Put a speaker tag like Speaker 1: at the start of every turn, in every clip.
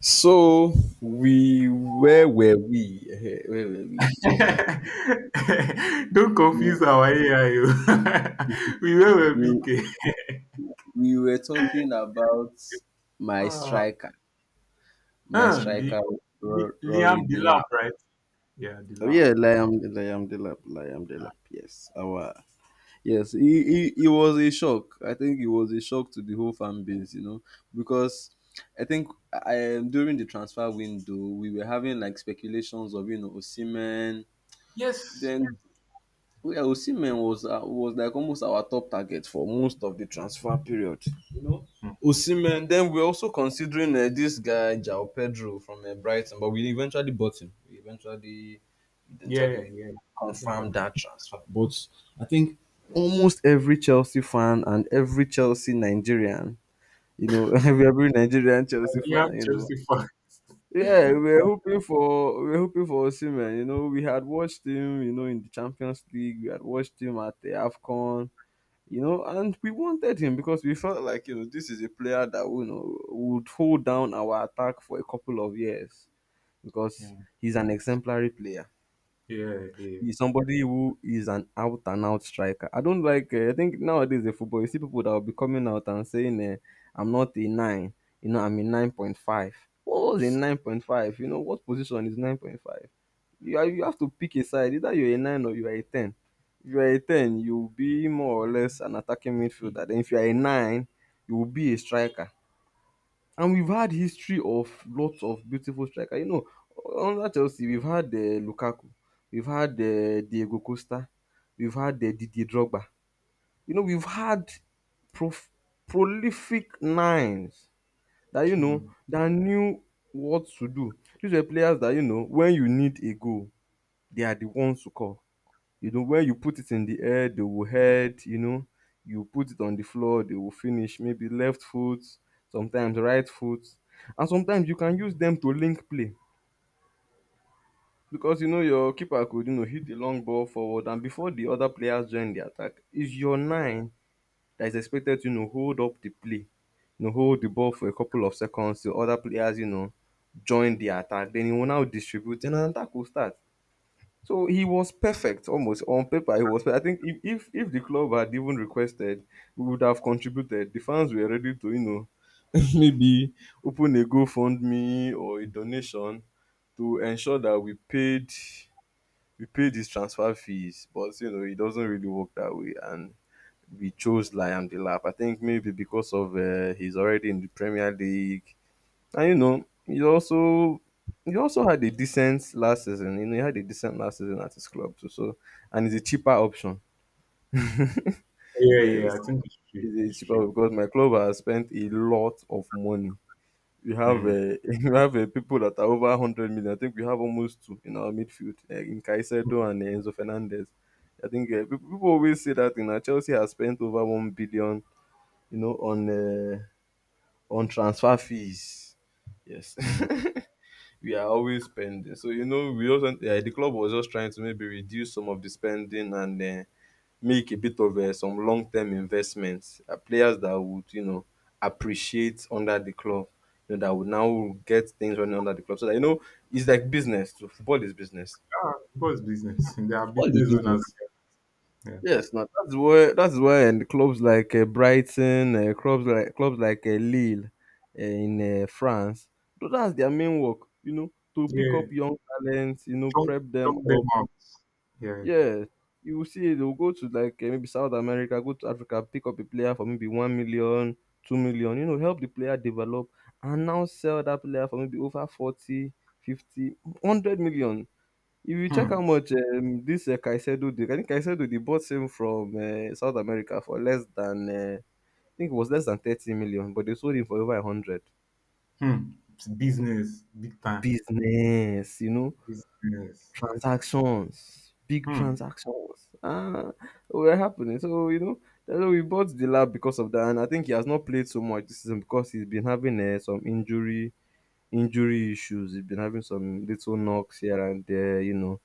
Speaker 1: So we where were we? Where were we?
Speaker 2: Don't
Speaker 1: You,
Speaker 2: confuse our AI. Oh. We were big.
Speaker 1: you,
Speaker 2: Eh.
Speaker 1: we were talking about my
Speaker 2: Ah,
Speaker 1: striker, my
Speaker 2: huh,
Speaker 1: striker
Speaker 2: Li- Liam
Speaker 1: Rory Delap.
Speaker 2: Delap, right? Yeah,
Speaker 1: Oh
Speaker 2: Delap.
Speaker 1: yeah, Liam Delap, Liam Delap. Yes, our yes. He was a shock. I think it was a shock to the whole fan base, you know, because I think, during the transfer window we were having like speculations of, you know, Osimhen.
Speaker 2: Yes.
Speaker 1: Then Well, yeah, Osimhen was like almost our top target for most of the transfer period. You know,
Speaker 2: Hmm.
Speaker 1: Osimhen. Then we're also considering this guy Jao Pedro from Brighton, but we eventually bought him. We eventually,
Speaker 2: Yeah,
Speaker 1: eventually
Speaker 2: yeah. I think I
Speaker 1: confirmed that transfer. But I think almost every Chelsea fan and every Chelsea Nigerian, you know, every Nigerian Chelsea
Speaker 2: Liam
Speaker 1: fan, you know,
Speaker 2: Chelsea
Speaker 1: yeah,
Speaker 2: fan.
Speaker 1: we were hoping for we were hoping for Osimhen. You know, we had watched him. You know, in the Champions League, we had watched him at the Afcon. You know, and we wanted him because we felt like, you know, this is a player that, you know, would hold down our attack for a couple of years because
Speaker 2: Yeah,
Speaker 1: he's an exemplary player.
Speaker 2: yeah, yeah.
Speaker 1: He's somebody who is an out and out striker. I don't like. I think nowadays in football, you see people that will be coming out and saying, "I'm not a nine. You know, I'm a 9.5. What was a 9.5? You know, what position is 9.5? You are, you have to pick a side. Either you're a nine or you are a ten. If you are a ten, you will be more or less an attacking
Speaker 2: Yeah.
Speaker 1: midfielder. Then if you are a nine, you will be a striker. And we've had history of lots of beautiful striker. You know, under Chelsea we've had Lukaku, we've had Diego Costa, we've had Didier Drogba. You know, we've had prof- prolific nines that, you know,
Speaker 2: Hmm.
Speaker 1: that knew what to do. These were players that, you know, when you need a goal, they are the ones to call. You know, when you put it in the air, they will head, you know. You put it on the floor, they will finish. Maybe left foot, sometimes right foot. And sometimes you can use them to link play. Because, you know, your keeper could, you know, hit the long ball forward, and before the other players join the attack, it's your nine that is expected to, you know, hold up the play. You know, hold the ball for a couple of seconds till other players, you know, join the attack. Then he will now distribute and an attack will start. So he was perfect, almost on paper. He was. I think if the club had even requested, we would have contributed. The fans were ready to, you know, maybe open a GoFundMe or a donation to ensure that we paid his transfer fees. But, you know, it doesn't really work that way, and we chose Liam Delap. I think maybe because of, he's already in the Premier League, and you know, he also had a decent last season. You know, he had a decent last season at his club too. So, and it's a cheaper option.
Speaker 2: Yeah,
Speaker 1: Yes,
Speaker 2: yeah. I think it's true. It's
Speaker 1: it's a
Speaker 2: true.
Speaker 1: cheaper because my club has spent a lot of money. We have
Speaker 2: Hmm.
Speaker 1: we have people that are over 100 million. I think we have almost two in our midfield, in
Speaker 2: Hmm.
Speaker 1: Caicedo and Enzo Fernandez. I think people always say that, you know, Chelsea has spent over 1 billion. You know, on transfer fees. Yes.
Speaker 2: Ah,
Speaker 1: We are always spending. So, you know, we also, the club was just trying to maybe reduce some of the spending and make a bit of, some long term investments. Players that would, you know, appreciate under the club, you know, that would now get things running under the club. So that, you know, it's like business. So football is business.
Speaker 2: what's business? They are
Speaker 1: Football is
Speaker 2: business owners.
Speaker 1: business.
Speaker 2: Yeah.
Speaker 1: Yes, now that's why and clubs like Brighton, clubs like Lille in France, that's their main work. You know, to pick up
Speaker 2: Yeah.
Speaker 1: young talents, you know,
Speaker 2: Chunk,
Speaker 1: prep them
Speaker 2: chunk them
Speaker 1: up.
Speaker 2: out. Yeah.
Speaker 1: Yeah, you will see they'll go to like, maybe South America, go to Africa, pick up a player for maybe 1 million, 2 million. You know, help the player develop and now sell that player for maybe over 40, 50, 100 million. If you check how
Speaker 2: Hmm.
Speaker 1: much, this Caicedo did, I think Caicedo they bought him from South America for less than, I think it was less than 30 million, but they sold him for over 100.
Speaker 2: Hmm. It's business, big time.
Speaker 1: Business, you know,
Speaker 2: Business. Like,
Speaker 1: transactions, big
Speaker 2: hmm.
Speaker 1: transactions. Oh, were happening. So, you know, that's why we bought the lab because of that. And I think he has not played so much this season because he's been having some injury issues. He's been having some little knocks here and there, you know,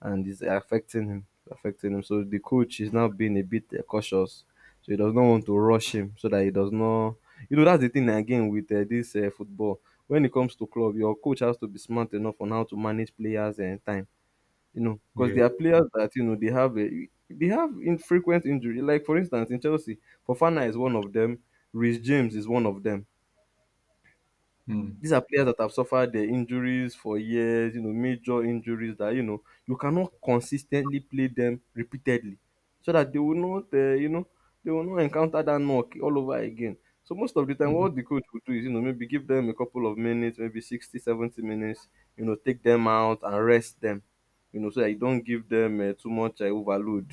Speaker 1: and it's affecting him, affecting him. So the coach is now being a bit cautious. So he does not want to rush him so that he does not. You know, that's the thing again with this football. When it comes to club, your coach has to be smart enough on how to manage players and time. You know, because
Speaker 2: Yeah.
Speaker 1: there are players that, you know, they have infrequent injury. Like for instance, in Chelsea, Fofana is one of them. Rhys James is one of them.
Speaker 2: Hmm.
Speaker 1: These are players that have suffered their injuries for years, you know, major injuries that, you know, you cannot consistently play them repeatedly so that they will not, you know, they will not encounter that knock all over again. So most of the time,
Speaker 2: Hmm.
Speaker 1: what the coach will do is, you know, maybe give them a couple of minutes, maybe 60, 70 minutes, you know, take them out and rest them, you know, so that you don't give them too much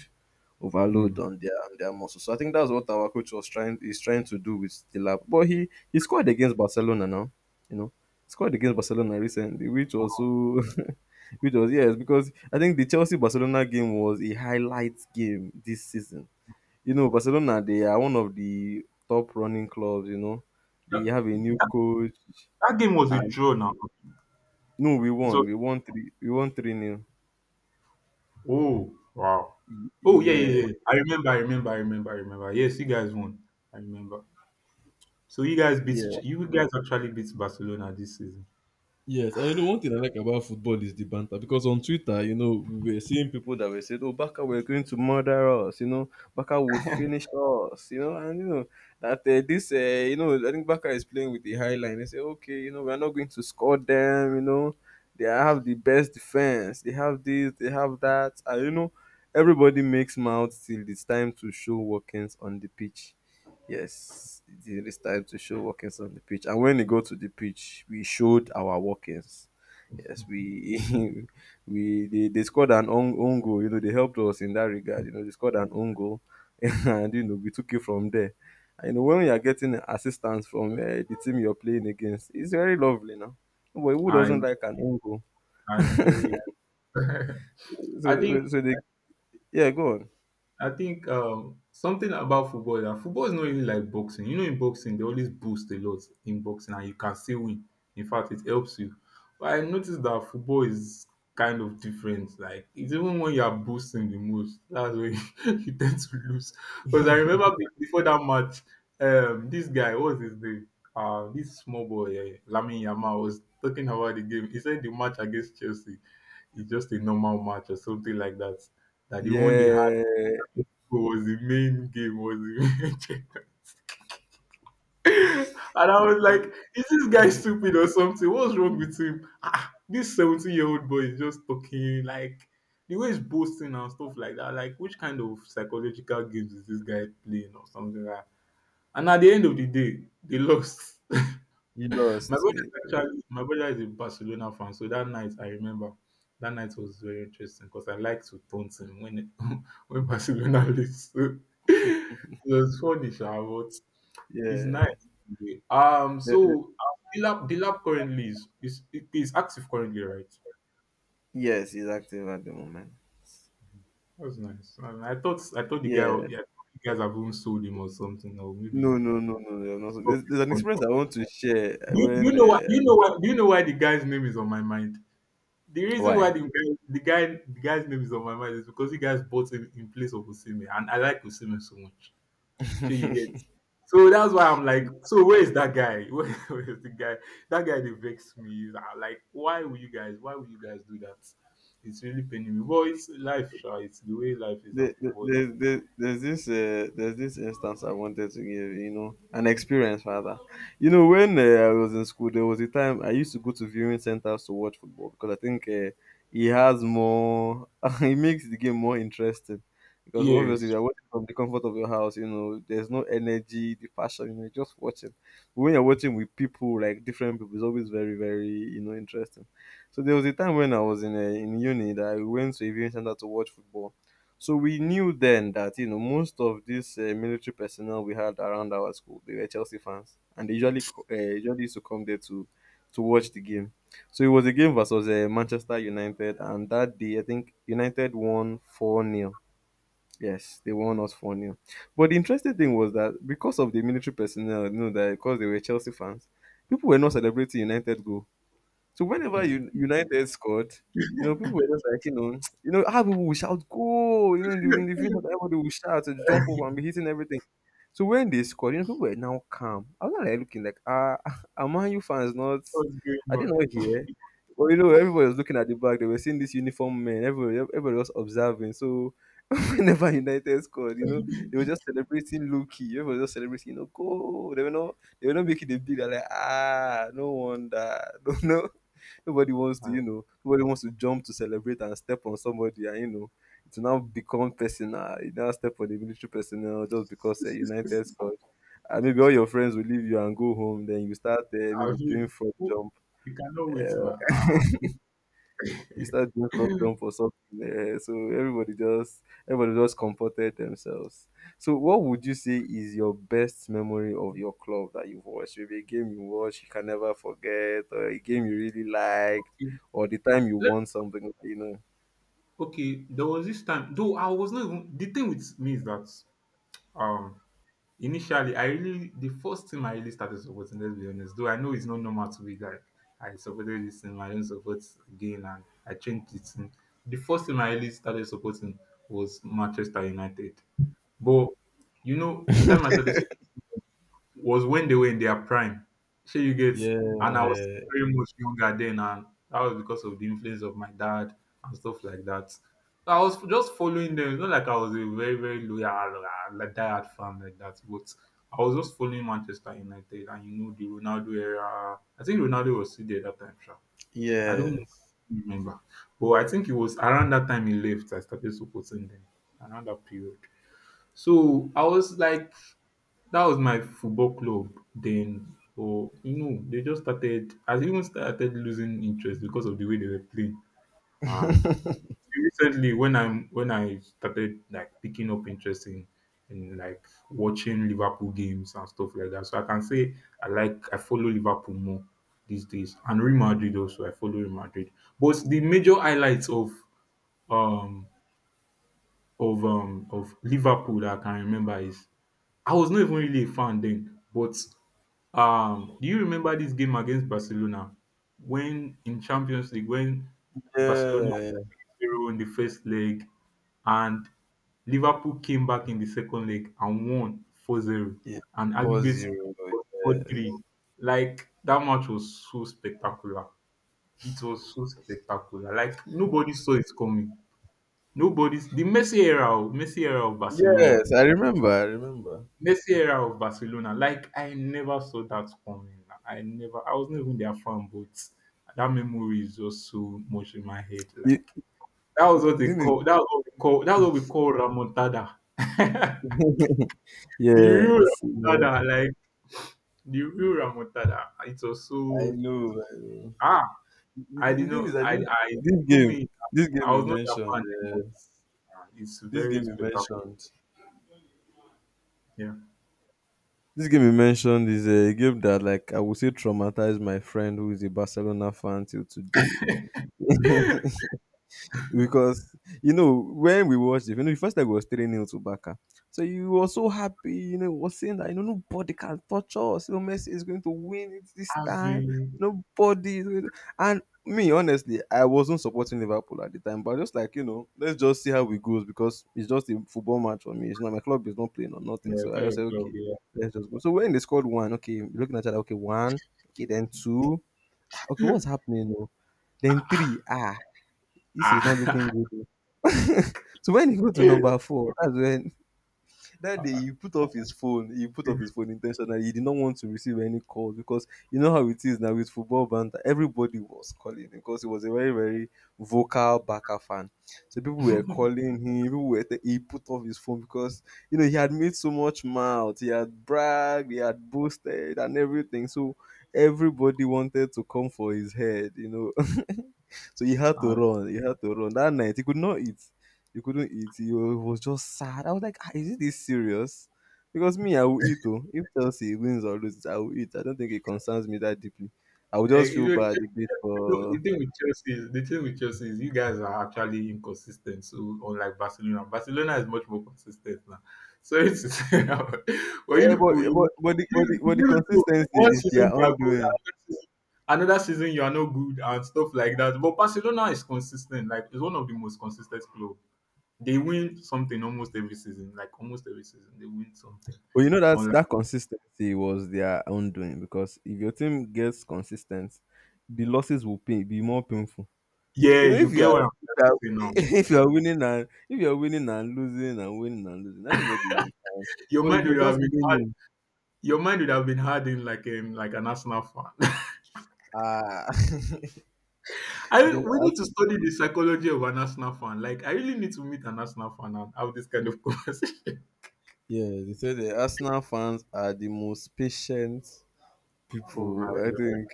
Speaker 1: overload
Speaker 2: Hmm.
Speaker 1: on their muscles. So I think that's what our coach was trying is trying to do with Stillab. But he scored against Barcelona now. You know, scored against Barcelona recently, which was yes, because I think the Chelsea Barcelona game was a highlight game this season. You know, Barcelona they are one of the top running clubs. You know, they
Speaker 2: That,
Speaker 1: have a new
Speaker 2: that,
Speaker 1: coach,
Speaker 2: that game was a
Speaker 1: and
Speaker 2: draw now.
Speaker 1: no, we
Speaker 2: It
Speaker 1: won,
Speaker 2: was,
Speaker 1: we won three, we won three nil.
Speaker 2: oh, wow. Oh, yeah,
Speaker 1: Yeah,
Speaker 2: yeah, yeah. I remember. Yes, you guys won. I remember. So
Speaker 1: yeah.
Speaker 2: you guys actually beat Barcelona this season.
Speaker 1: Yes, and you know one thing I like about football is the banter, because on Twitter, you know, we were seeing people that were saying, "Oh, Baka, we're going to murder us," you know, Baka would finish us, you know, and you know that you know, I think Baka is playing with the high line. They say, "Okay, you know, we're not going to score them," you know, they have the best defense, they have this, they have that, and you know, everybody makes mouth till it's time to show workings on the pitch. Yes, it is really time to show workings on the pitch. And when we go to the pitch, we showed our workings. Yes, we they scored an own goal. You know, they helped us in that regard. You know, they scored an own goal, and you know we took it from there. And, you know, when you are getting assistance from the team you're playing against, it's very lovely now. But who
Speaker 2: I,
Speaker 1: doesn't like an own goal?
Speaker 2: I tell you.
Speaker 1: So,
Speaker 2: I think
Speaker 1: so, so they yeah, go on.
Speaker 2: I think something about football is that football is not really like boxing. You know, in boxing they always boost a lot in boxing, and you can still win. In fact, it helps you. But I noticed that football is kind of different. Like it's even when you are boosting the most, that's when you tend to lose. Because I remember before that match, this guy, what's his name? This small boy, Lamine Yamal, was talking about the game. He said the match against Chelsea is just a normal match or something like that. That the one they
Speaker 1: Yeah,
Speaker 2: was the main game, was the main checker. And I was like, is this guy
Speaker 1: you
Speaker 2: stupid or something? What's wrong with him? Ah, this 17-year-old year old boy is just talking like the way he's boasting and stuff like that. Like, which kind of psychological games is this guy playing or something like that? And at the end of the day, they lost. My
Speaker 1: lost.
Speaker 2: brother is actually my brother is a Barcelona fan, so that night I remember that night was very interesting because I like to taunt him when when Barcelona lose. So it was funny, sha, but it's nice.
Speaker 1: Yeah,
Speaker 2: Anyway. Um,
Speaker 1: there,
Speaker 2: so um, the lab currently is is active currently, right?
Speaker 1: Yes, he's active at the moment.
Speaker 2: That's nice. And I thought the guy,
Speaker 1: Yeah.
Speaker 2: yeah, you guys have even sold him or something, or maybe you
Speaker 1: No, no, no, no, no. I
Speaker 2: stopped
Speaker 1: There's,
Speaker 2: his
Speaker 1: there's an experience
Speaker 2: contract.
Speaker 1: I want to share
Speaker 2: Do you
Speaker 1: when.
Speaker 2: know why? Do you know why? Do you know why the guy's name is on my mind? The reason why
Speaker 1: Why?
Speaker 2: the guy's name is on my mind is because you guys bought him in place of Osimhen, and I like Osimhen so much. Sure, you get. So that's why I'm like, so where is that guy? Where is the guy? That guy they vex me. Like, why will you guys? Why will you guys do that? It's really paining me. But it's life, sure. It's the way life is and football.
Speaker 1: There's this instance I wanted to give, you know, an experience rather, you know, when I was in school. There was a time I used to go to viewing centers to watch football because I think, he has more he makes the game more interesting, because obviously if
Speaker 2: Yes.
Speaker 1: you're watching from the comfort of your house, you know, there's no energy, the passion, you know, you're just watching. But when you're watching with people, like different people, it's always very, very, you know, interesting. So there was a time when I was in, uni that I went to a viewing center to watch football. So we knew then that, you know, most of this, military personnel we had around our school, they were Chelsea fans, and they usually usually used to come there to watch the game. So it was a game versus Manchester United, and that day I think United won four nil. Yes, they won us four nil. But the interesting thing was that because of the military personnel, you know that because they were Chelsea fans, people were not celebrating United goal so whenever you United scored, people were just like, how people will shout goal, in the future everybody will shout and jump up and be hitting everything. So when they scored, people were now calm. I was not like looking like, ah, are Man U fans not?
Speaker 2: What's
Speaker 1: I
Speaker 2: going
Speaker 1: did not know
Speaker 2: on?
Speaker 1: here. But you know, everybody was looking at the back. They were seeing this uniform man. Everybody, everybody was observing. So whenever United scored, you know, they were just celebrating low key. Everyone was just celebrating, you know, go. They were not making a big they're like, ah, no wonder. No, no. Nobody wants
Speaker 2: I,
Speaker 1: to,
Speaker 2: I
Speaker 1: you know, nobody wants to jump to celebrate and step on somebody and you know, to now become personal. You now step on the military personnel just because United scored. And maybe all your friends will leave you and go home, then you start maybe
Speaker 2: feel,
Speaker 1: doing front jump.
Speaker 2: we cannot wait
Speaker 1: Uh,
Speaker 2: now.
Speaker 1: he started being robbed on for something. So everybody just comforted themselves. So what would you say is your best memory of your club that you've watched? Maybe a game you watched you can never forget, or a game you really liked,
Speaker 2: We-
Speaker 1: or the time you won something, you know.
Speaker 2: Okay, there was this time though I was not even the thing with me is that um initially I really the first thing I really started supporting, let's be honest, though I know it's not normal to be like I supported this team, I don't support again and I changed the team. The first team I really started supporting was Manchester United. But you know, the time I started was when they were in their prime. Shey you get?
Speaker 1: Yeah,
Speaker 2: And I was still very much younger then, and that was because of the influence of my dad and stuff like that. So, I was just following them. It's not like I was a very, very loyal, like diehard fan like that, but I was just following Manchester United, and you know the Ronaldo era. I think Ronaldo was still there that time, sure. I don't
Speaker 1: yes,
Speaker 2: remember, but I think it was around that time he left. I started supporting them around that period. So I was like that was my football club then, or you know, they just started I even started losing interest because of the way they were playing. And recently, when I started like picking up interest in like watching Liverpool games and stuff like that, so I can say I follow Liverpool more these days, and Real Madrid also. I follow Real Madrid, but the major highlights of um of Liverpool that I can remember is I was not even really a fan then, but do you remember this game against Barcelona when in Champions League when Barcelona
Speaker 1: yeah,
Speaker 2: 0 in the first leg and Liverpool came back in the second leg and won 4-0
Speaker 1: yeah.
Speaker 2: and
Speaker 1: Four
Speaker 2: aggregate
Speaker 1: zero. Yes,
Speaker 2: 4-3. Like that match was so spectacular. It was so spectacular. Like nobody saw it coming. Nobody's the Messi era, oh, Messi era of Barcelona.
Speaker 1: yes. I remember. I remember.
Speaker 2: Messi era of Barcelona, like, I never saw that coming. I wasn't even their fan, but that memory is just so much in my head,
Speaker 1: You,
Speaker 2: like, that was what they
Speaker 1: didn't
Speaker 2: call that's what we call that's what we call Ramontada.
Speaker 1: it?
Speaker 2: The real
Speaker 1: Yes, you know.
Speaker 2: Ramontada. Like, the real Ramontada. It was
Speaker 1: I
Speaker 2: so
Speaker 1: know. I know.
Speaker 2: ah,
Speaker 1: The,
Speaker 2: I
Speaker 1: the the
Speaker 2: did
Speaker 1: thing
Speaker 2: not
Speaker 1: is that
Speaker 2: I
Speaker 1: this,
Speaker 2: I
Speaker 1: this
Speaker 2: even
Speaker 1: game,
Speaker 2: me,
Speaker 1: this game
Speaker 2: I
Speaker 1: you
Speaker 2: was not their
Speaker 1: mentioned,
Speaker 2: fan but ah, it's
Speaker 1: this
Speaker 2: very
Speaker 1: game you
Speaker 2: spectacular.
Speaker 1: mentioned,
Speaker 2: Yeah.
Speaker 1: this game you mentioned is a game that, like, I would say, traumatized my friend who is a Barcelona fan till today. Because you know when we watched it, you know, the first leg was three nil to Barca. So you were so happy, you know, was saying that you know nobody can touch us. You know, Messi is going to win it this
Speaker 2: As
Speaker 1: time.
Speaker 2: in
Speaker 1: Nobody is going to... And me honestly, I wasn't supporting Liverpool at the time, but just like you know, let's just see how it goes because it's just a football match for me. It's not my club is not playing or nothing.
Speaker 2: no,
Speaker 1: So
Speaker 2: it's not
Speaker 1: I just
Speaker 2: your
Speaker 1: said
Speaker 2: club,
Speaker 1: okay,
Speaker 2: yeah.
Speaker 1: let's just go. So when they scored one, okay, you're looking at that, okay, one, okay, then two, ah, okay, what's happening? Oh? Then three, ah, this is not looking
Speaker 2: Ah.
Speaker 1: good. So when he got to number four, that's when that day
Speaker 2: Ah,
Speaker 1: he put off his phone. He put
Speaker 2: see,
Speaker 1: off his phone intentionally. He did not want to receive any calls because you know how it is now with football banter. Everybody was calling because he was a very very vocal backer fan. So people were calling him. He put off his phone because you know he had made so much mouth. He had bragged. He had boasted and everything. So everybody wanted to come for his head. You know. So he had to
Speaker 2: ah,
Speaker 1: run. He had to run that night. He couldn't eat. You it was just sad. I was like, ah, is it this serious? Because me, I will eat though. If Chelsea wins or loses, I will eat. I don't think it concerns me that deeply. I will just
Speaker 2: you
Speaker 1: feel
Speaker 2: know,
Speaker 1: bad a bit
Speaker 2: You know,
Speaker 1: for
Speaker 2: the thing with Chelsea is you guys are actually inconsistent. So unlike Barcelona, Barcelona is much more consistent now. So it's for
Speaker 1: yeah,
Speaker 2: you
Speaker 1: but
Speaker 2: people,
Speaker 1: but but the, but the, but the
Speaker 2: you people,
Speaker 1: consistency
Speaker 2: one
Speaker 1: is their
Speaker 2: season you are good,
Speaker 1: undoing.
Speaker 2: another season you are not good and stuff like that. But Barcelona is consistent. Like it's one of the most consistent club. They win something almost every season. Like almost every season, they win something.
Speaker 1: But you know that
Speaker 2: Unlike
Speaker 1: that consistency was their undoing because if your team gets consistent, the losses will be more painful.
Speaker 2: Yeah,
Speaker 1: You know, if
Speaker 2: you
Speaker 1: you
Speaker 2: get
Speaker 1: are
Speaker 2: what I'm
Speaker 1: if you are,
Speaker 2: trying to say now.
Speaker 1: if you are winning and if you are winning and losing and winning and losing, everybody will be fine.
Speaker 2: Your
Speaker 1: But if
Speaker 2: mind
Speaker 1: you're
Speaker 2: would have
Speaker 1: just
Speaker 2: been hard.
Speaker 1: winning,
Speaker 2: Your mind would have been hardened like an Arsenal fan.
Speaker 1: ah, I
Speaker 2: I
Speaker 1: think
Speaker 2: We need to
Speaker 1: Arsenal,
Speaker 2: study the psychology of an Arsenal fan. Like I really need to meet an Arsenal fan and have this kind of conversation.
Speaker 1: yeah, they say the Arsenal fans are the most patient
Speaker 2: Oh my
Speaker 1: people. I
Speaker 2: god!
Speaker 1: think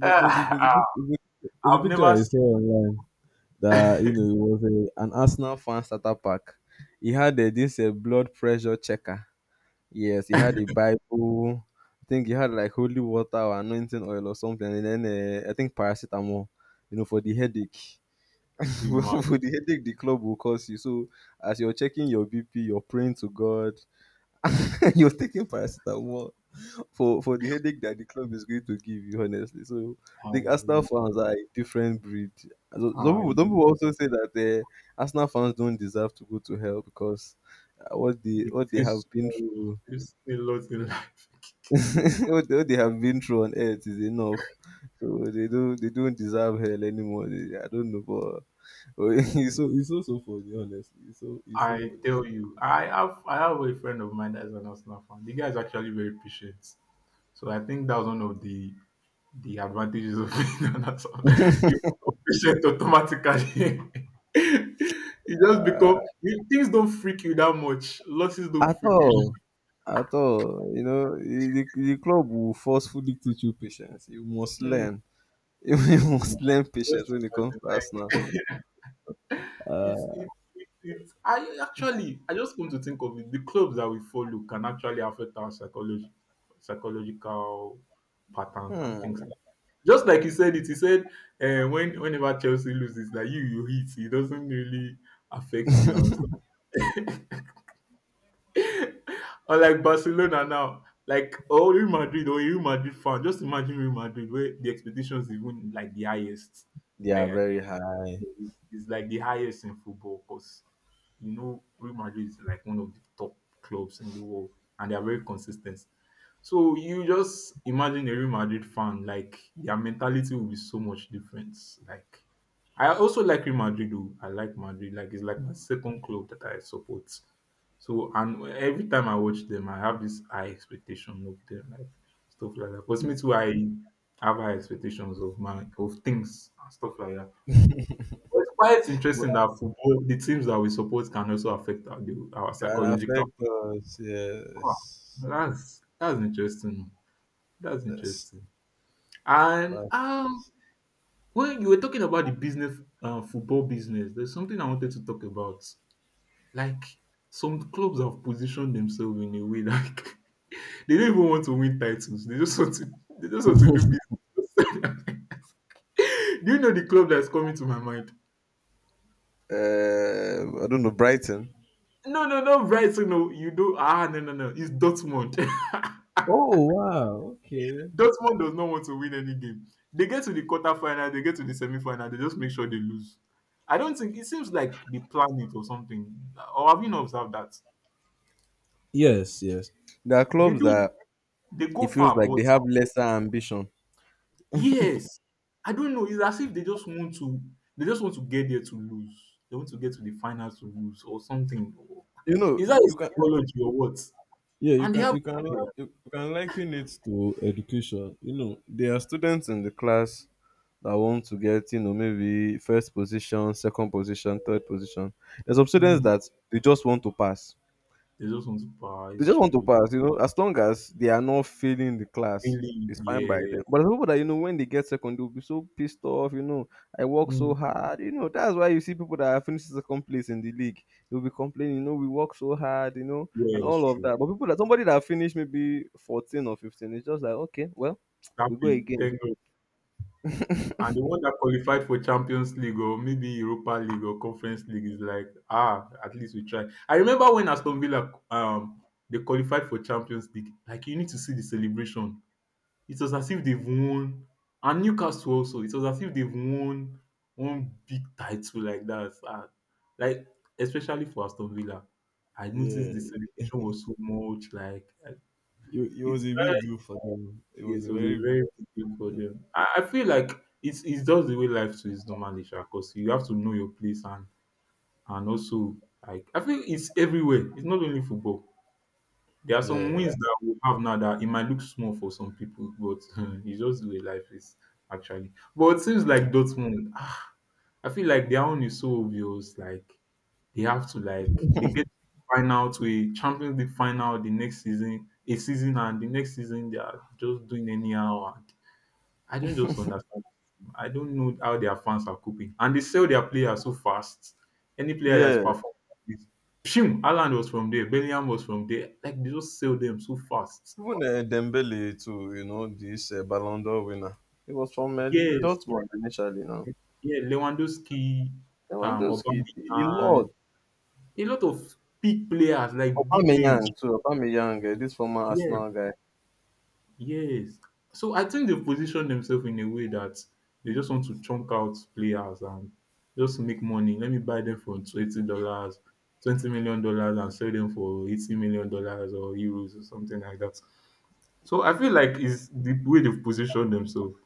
Speaker 2: Ah, ah,
Speaker 1: There's a
Speaker 2: I've
Speaker 1: picture
Speaker 2: never
Speaker 1: I saw
Speaker 2: seen
Speaker 1: online that you know it was a, an Arsenal fan starter pack. He had this blood pressure checker. Yes, he had a Bible. I think he had like holy water or anointing oil or something, and then I think paracetamol. You know, for the headache.
Speaker 2: the man
Speaker 1: For the headache, the club will cause you. So, as you're checking your BP, you're praying to God, and you're taking paracetamol for the headache that the club is going to give you. Honestly, so I
Speaker 2: as
Speaker 1: think Arsenal
Speaker 2: in,
Speaker 1: fans are a different breed.
Speaker 2: I
Speaker 1: Some people also say that Arsenal fans don't deserve to go to hell because
Speaker 2: the
Speaker 1: what they have
Speaker 2: face
Speaker 1: been through
Speaker 2: is a lot in life.
Speaker 1: what they have been through on earth is enough. So they don't deserve hell anymore. They, I don't know, but it's so so funny. Honestly, it's so
Speaker 2: I
Speaker 1: funny.
Speaker 2: tell
Speaker 1: Too.
Speaker 2: you, I have a friend of mine that's an Arsenal fan. The guy is actually very patient. So I think that was one of the advantages of being an asshole. You become patient automatically. you just become you, things don't freak you that much. Losses don't
Speaker 1: At
Speaker 2: freak you.
Speaker 1: all, at all, you know, the club will forcefully teach you patience. You must
Speaker 2: Mm.
Speaker 1: learn. You must learn patience
Speaker 2: Just
Speaker 1: when it comes to Arsenal.
Speaker 2: imagine, like it's
Speaker 1: Uh,
Speaker 2: it, it's I just come to think of it. The clubs that we follow can actually affect our psychology, psychological patterns and things.
Speaker 1: hmm,
Speaker 2: Just like he said when whenever Chelsea loses, that you hit, it doesn't really affect you and or like Barcelona now. Like oh Real Madrid fan. Just imagine Real Madrid where the expectations even like the highest.
Speaker 1: they are
Speaker 2: Like
Speaker 1: very high,
Speaker 2: it's, it's like the highest in football because you know Real Madrid is like one of the top clubs in the world and they are very consistent. So you just imagine a Real Madrid fan, like their mentality will be so much different. Like I also like Real Madrid though. I like Madrid. Like it's like my second club that I support. So and every time I watch them, I have this high expectation of them, like stuff like that. Because me too, I have high expectations of my of things and stuff like that. But it's quite
Speaker 1: but
Speaker 2: interesting that football, the teams that we support can also affect our
Speaker 1: can
Speaker 2: psychological.
Speaker 1: affect us.
Speaker 2: Wow,
Speaker 1: Yes,
Speaker 2: that's interesting. That's
Speaker 1: yes.
Speaker 2: interesting. And
Speaker 1: But,
Speaker 2: when you were talking about the business, football business, there's something I wanted to talk about. Like some clubs have positioned themselves in a way like they don't even want to win titles. They just want to. They just want to do business. Do you know the club that's coming to my mind?
Speaker 1: I don't know Brighton.
Speaker 2: No, no, no, Brighton. No, you do. Ah, no, no, no. It's Dortmund.
Speaker 1: Oh wow, okay.
Speaker 2: Dortmund does not want to win any game. They get to the quarterfinal, they get to the semi-final, they just make sure they lose. I don't think it seems like they plan it or something. Or have you not observed that?
Speaker 1: Yes, yes. There are
Speaker 2: They
Speaker 1: clubs
Speaker 2: do
Speaker 1: that
Speaker 2: they go
Speaker 1: it feels
Speaker 2: far,
Speaker 1: like
Speaker 2: but
Speaker 1: they have lesser ambition.
Speaker 2: yes, I don't know. It's as if they just want to they just want to get there to lose. They want to get to the final to lose or something.
Speaker 1: You know,
Speaker 2: Is that a
Speaker 1: you can
Speaker 2: psychology or what?
Speaker 1: yeah,
Speaker 2: And they have
Speaker 1: you can
Speaker 2: Yeah.
Speaker 1: you you can liken it to education. You know, there are students in the class that want to get, you know, maybe first position, second position, third position. There's some students
Speaker 2: Mm,
Speaker 1: that they just want to pass.
Speaker 2: they just want to buy,
Speaker 1: They
Speaker 2: it's
Speaker 1: just want to
Speaker 2: true.
Speaker 1: pass, you know. As long as they are not failing the class,
Speaker 2: Really,
Speaker 1: it's fine by
Speaker 2: yeah.
Speaker 1: them. But there's people that you know when they get second, they'll be so pissed off. You know, I work so
Speaker 2: Mm,
Speaker 1: hard. You know, that's why you see people that are finishing second place in the league. They'll be complaining, you know, we work so hard, you know,
Speaker 2: yeah,
Speaker 1: and
Speaker 2: it's
Speaker 1: all of
Speaker 2: true.
Speaker 1: that. But people that somebody that finished maybe 14 or 15, it's just like, okay, well, we go
Speaker 2: Happy.
Speaker 1: again.
Speaker 2: Thank God. And the one that qualified for Champions League or maybe Europa League or Conference League is like, ah, at least we tried. I remember when Aston Villa they qualified for Champions League. Like you need to see the celebration. It was as if they've won, and Newcastle also. It was as if they've won one big title like that. Ah, like especially for Aston Villa, I noticed
Speaker 1: Yeah,
Speaker 2: the celebration was so much. Like
Speaker 1: it
Speaker 2: it's
Speaker 1: was a big deal for them. It was a
Speaker 2: yes, it was a
Speaker 1: very big
Speaker 2: very big thing for
Speaker 1: deal.
Speaker 2: them. I feel like it's just the way life too is normally, because you have to know your place and also like I feel it's everywhere. It's not only football. There are some
Speaker 1: Yeah.
Speaker 2: wins that we have now that it might look small for some people, but it's just the way life is actually. But it seems like Dortmund, ah, I feel like their own is so obvious. Like they get final to a Champions League final the next season, a season and the next season they are just doing anyhow. I don't just understand them. I don't know how their fans are coping. And they sell their players so fast. Any player that is
Speaker 1: Yeah.
Speaker 2: performing like this, pshim, Haaland was from there, Bellingham was from there. Like they just sell them so fast.
Speaker 1: Even Dembele too, you know, this Ballon d'Or winner. He was from
Speaker 2: Yes,
Speaker 1: Dortmund initially. Now
Speaker 2: yeah, Lewandowski,
Speaker 1: Lewandowski, a
Speaker 2: Aubameyang,
Speaker 1: lot.
Speaker 2: a lot of big players like big
Speaker 1: Aubameyang
Speaker 2: names.
Speaker 1: too. Aubameyang, this former
Speaker 2: Yeah.
Speaker 1: Arsenal guy.
Speaker 2: Yes. So I think they've positioned themselves in a way that they just want to chunk out players and just make money. Let me buy them for $20, dollars, $20 million dollars, and sell them for $80 million dollars or euros or something like that. So I feel like it's the way they've positioned themselves.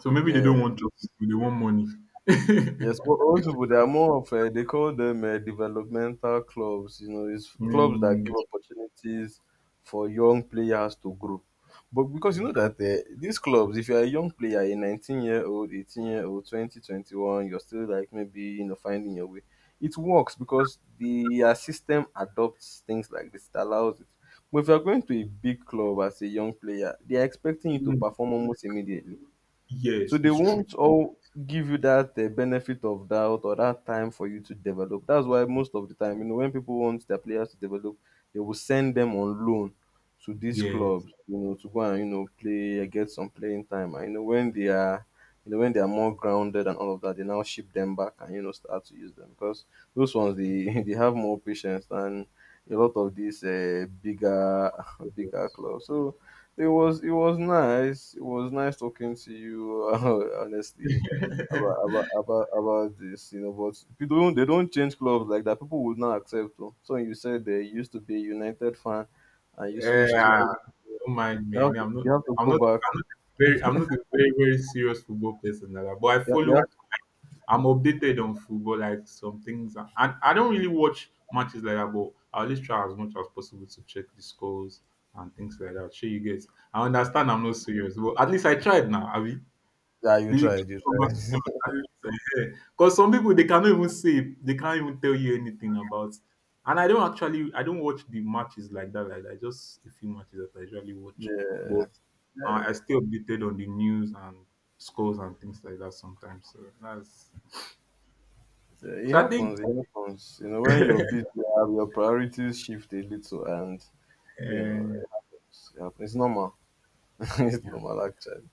Speaker 2: So maybe they
Speaker 1: Yeah,
Speaker 2: don't want trophies, but they want money.
Speaker 1: yes, old people they are more of they call them developmental clubs. You know, it's clubs that
Speaker 2: Mm.
Speaker 1: give opportunities for young players to grow. But because you know that these clubs, if you're a young player, a 19-year-old, 18-year-old, 20, 21, you're still like maybe you know finding your way. It works because the system adopts things like this. It allows it. But if you're going to a big club as a young player, they are expecting you to
Speaker 2: Mm.
Speaker 1: perform almost immediately. So
Speaker 2: Yes,
Speaker 1: they
Speaker 2: it's true.
Speaker 1: won't all give you that benefit of doubt or that time for you to develop. That's why most of the time, you know, when people want their players to develop, they will send them on loan to these
Speaker 2: Yes.
Speaker 1: clubs, you know, to go and you know play, get some playing time. And you know, when they are, you know, when they are more grounded and all of that, they now ship them back and you know start to use them because those ones they they have more patience than a lot of these bigger bigger
Speaker 2: Yes.
Speaker 1: clubs. So it was nice. It was nice talking to you. Honestly, about this, you know. But people don't they don't change clubs like that. People would not accept. Them. So you said they used to be a United fan, and you
Speaker 2: Eh,
Speaker 1: switched to.
Speaker 2: don't mind
Speaker 1: You
Speaker 2: me.
Speaker 1: have,
Speaker 2: Me, I'm not.
Speaker 1: you have to
Speaker 2: I'm
Speaker 1: go
Speaker 2: not.
Speaker 1: back.
Speaker 2: I'm not a very very serious football person, Dada. But I
Speaker 1: Yeah, yeah.
Speaker 2: follow. I'm updated on football, like some things. And I don't really watch matches like that, but I always try as much as possible to check the scores and things like that. Sure, you guys. I understand. I'm not serious, but at least I tried now. Abi.
Speaker 1: Yeah, you
Speaker 2: Do you keep
Speaker 1: tried. You tried.
Speaker 2: conversation? Are you Because some people they cannot even say they can't even tell you anything about. And I don't actually I don't watch the matches like that. Like that. Just a few matches that I usually watch, but
Speaker 1: Yeah, yeah,
Speaker 2: I stay updated on the news and scores and things like that sometimes. So that's
Speaker 1: yeah. It
Speaker 2: so I think
Speaker 1: happens. It happens. You know, when you're busy, you have- your priorities shift a little, and you know,
Speaker 2: uh,
Speaker 1: it's, it happens. It's normal. It's
Speaker 2: yeah,
Speaker 1: normal actually.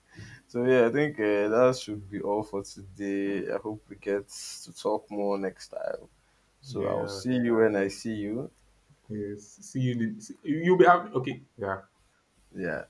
Speaker 1: So yeah, I think that should be all for today. I hope we get to talk more next time. So I'll
Speaker 2: yeah,
Speaker 1: see you when I see you.
Speaker 2: yes. See you. See, you'll be happy. Okay, yeah.
Speaker 1: Yeah.